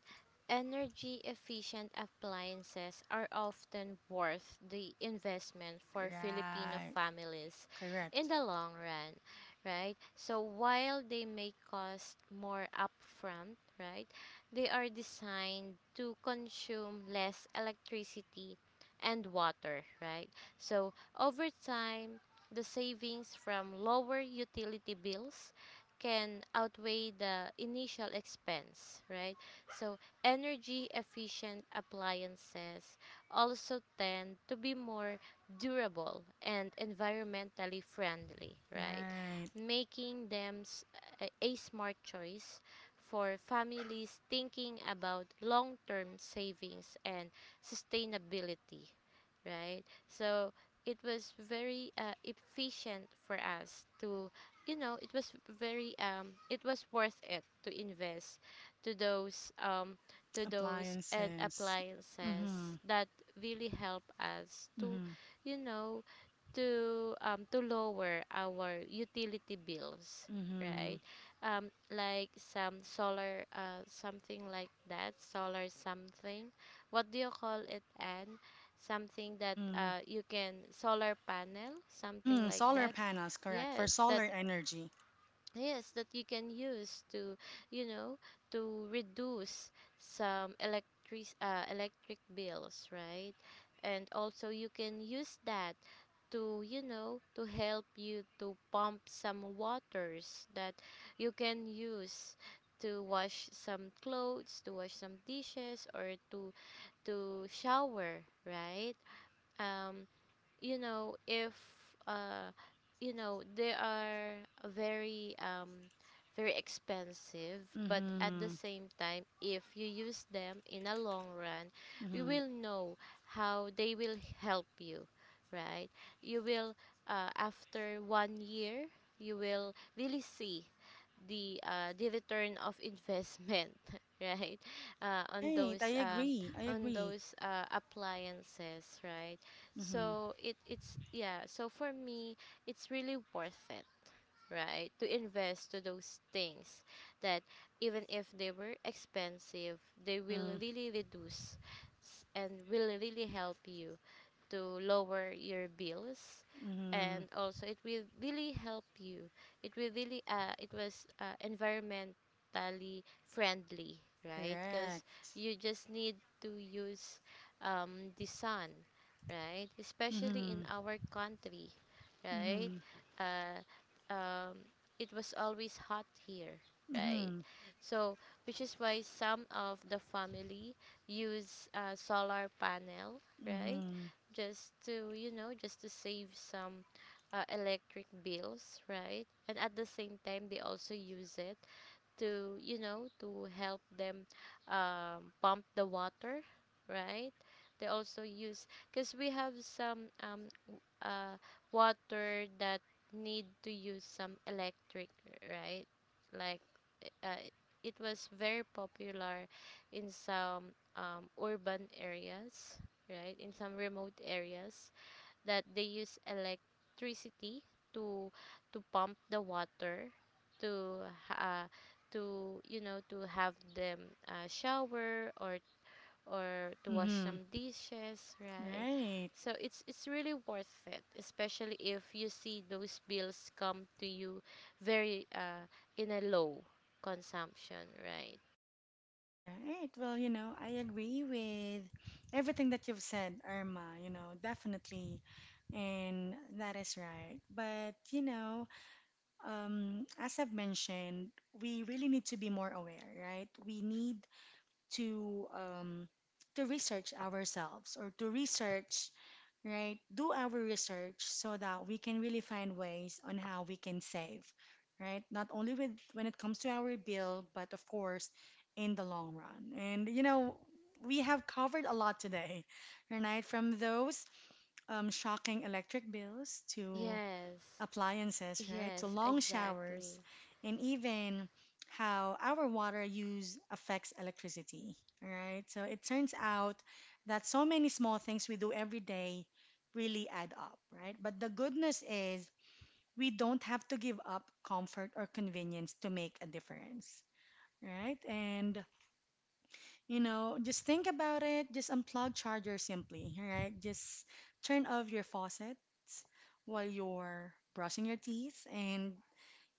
B: energy efficient appliances are often worth the investment for Filipino
A: Right,
B: families in
A: correct.
B: the long run, right? So while they may cost more upfront, right, they are designed to consume less electricity and water, right? So over time, the savings from lower utility bills can outweigh the initial expense, right? So, energy efficient appliances also tend to be more durable and environmentally friendly, right?
A: Right,
B: Making them a smart choice for families thinking about long term savings and sustainability, right? So, it was very efficient for us to, you know, it was very it was worth it to invest to those um to those and
A: appliances. Mm-hmm.
B: appliances that really help us to,
A: Mm-hmm.
B: you know, to lower our utility bills,
A: Mm-hmm.
B: right? Like some solar something like that, solar something, what do you call it, and something that
A: Mm-hmm.
B: you can, solar panel, something
A: Mm-hmm.
B: like
A: Solar
B: that.
A: panels, correct, for
B: Yes, that
A: solar energy.
B: yes, that you can use to, you know, to reduce some electric bills, right? And also you can use that to, you know, to help you to pump some waters that you can use to wash some clothes, to wash some dishes, or to shower, right? Um you know, if uh you know, they are very very expensive, but at the
A: Mm-hmm.
B: same time, if you use them in a long run, you
A: Mm-hmm.
B: will know how they will help you, right? You will, after 1 year, you will really see the return of investment, [laughs] right? On
A: Right. I
B: those,
A: agree. I
B: on
A: agree.
B: those appliances, right?
A: Mm-hmm.
B: So it it's yeah, so for me it's really worth it, right? To invest to those things that, even if they were expensive, they will
A: Mm-hmm.
B: really reduce and will really help you to lower your bills,
A: Mm-hmm.
B: and also it will really help you. It will really it was environmentally friendly, right? Because
A: Correct.
B: you just need to use the sun, right? Especially in
A: Mm-hmm.
B: our country, right?
A: Mm-hmm.
B: uh, um, it was always hot here, right?
A: Mm-hmm.
B: So, which is why some of the family use solar panel, right?
A: Mm-hmm.
B: Just to, you know, just to save some electric bills, right? And at the same time, they also use it to, you know, to help them, pump the water, right? They also use because we have some, water that need to use some electric, right? Like, uh, it was very popular in some, urban areas, right? In some remote areas that they use electricity to to pump the water to uh, to, you know, to have them shower or to wash
A: Mm-hmm.
B: some dishes, right?
A: Right.
B: So it's really worth it, especially if you see those bills come to you very in a low consumption, right?
A: Right. Well, you know, I agree with everything that you've said, Irma, you know, definitely. And that is right. But, you know, as I've mentioned, we really need to be more aware, right? We need to um, to research ourselves or to research, right? Do our research so that we can really find ways on how we can save, right? Not only with when it comes to our bill, but of course, in the long run. And you know, we have covered a lot today, [laughs] right? From those shocking electric bills to
B: Yes.
A: appliances, right? So
B: Yes,
A: long showers
B: exactly.
A: and even how our water use affects electricity, all right? So it turns out that so many small things we do every day really add up, right? But the goodness is we don't have to give up comfort or convenience to make a difference, right? And you know, just think about it, just unplug charger simply, right? Just turn off your faucets while you're brushing your teeth and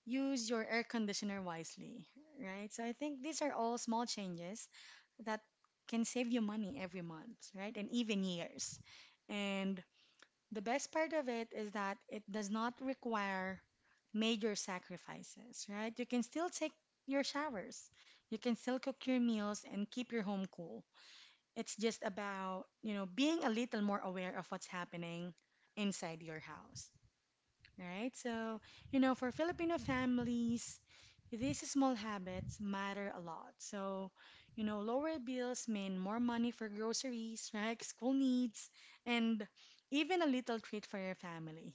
A: use your air conditioner wisely, right? So I think these are all small changes that can save you money every month, right? And even years. And the best part of it is that it does not require major sacrifices, right? You can still take your showers. You can still cook your meals and keep your home cool. It's just about, you know, being a little more aware of what's happening inside your house right? So, you know, for Filipino families, these small habits matter a lot. So, you know, lower bills mean more money for groceries, right? School needs, and even a little treat for your family.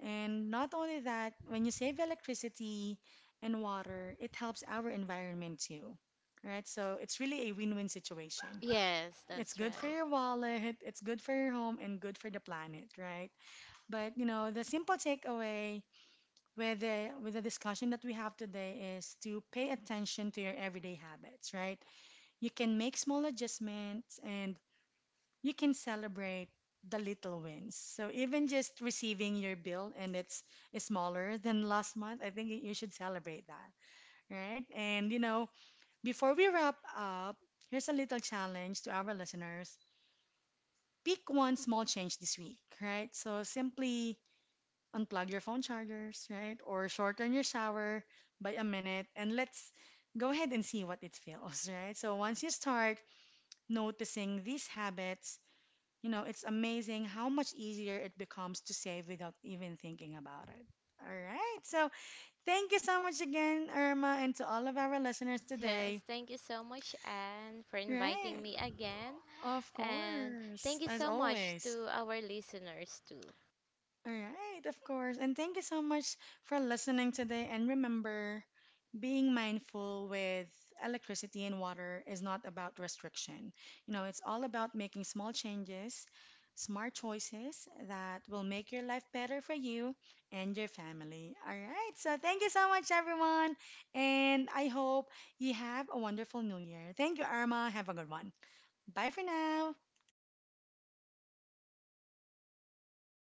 A: And not only that, when you save electricity and water, it helps our environment too, right? So it's really a win-win situation.
B: Yes,
A: It's
B: that's
A: good
B: right.
A: for your wallet, it's good for your home, and good for the planet, right? But you know, the simple takeaway with the discussion that we have today is to pay attention to your everyday habits, right? You can make small adjustments and you can celebrate the little wins. So even just receiving your bill and it's smaller than last month, I think you should celebrate that, right? And you know, before we wrap up, here's a little challenge to our listeners. Pick one small change this week, right? So simply unplug your phone chargers, right? Or shorten your shower by a minute and let's go ahead and see what it feels, [laughs] right? So once you start noticing these habits, you know, it's amazing how much easier it becomes to save without even thinking about it. All right. So thank you so much again, Irma, and to all of our listeners
B: Yes,
A: today.
B: thank you so much, Anne, for inviting
A: Right.
B: me again.
A: Of
B: And
A: course,
B: thank you
A: as
B: so much
A: always.
B: to our listeners, too.
A: All right, of course. And thank you so much for listening today. And remember, being mindful with electricity and water is not about restriction. You know, it's all about making small changes, smart choices that will make your life better for you and your family. All right, so thank you so much, everyone. And I hope you have a wonderful new year. Thank you, Arma. Have a good one. Bye for now.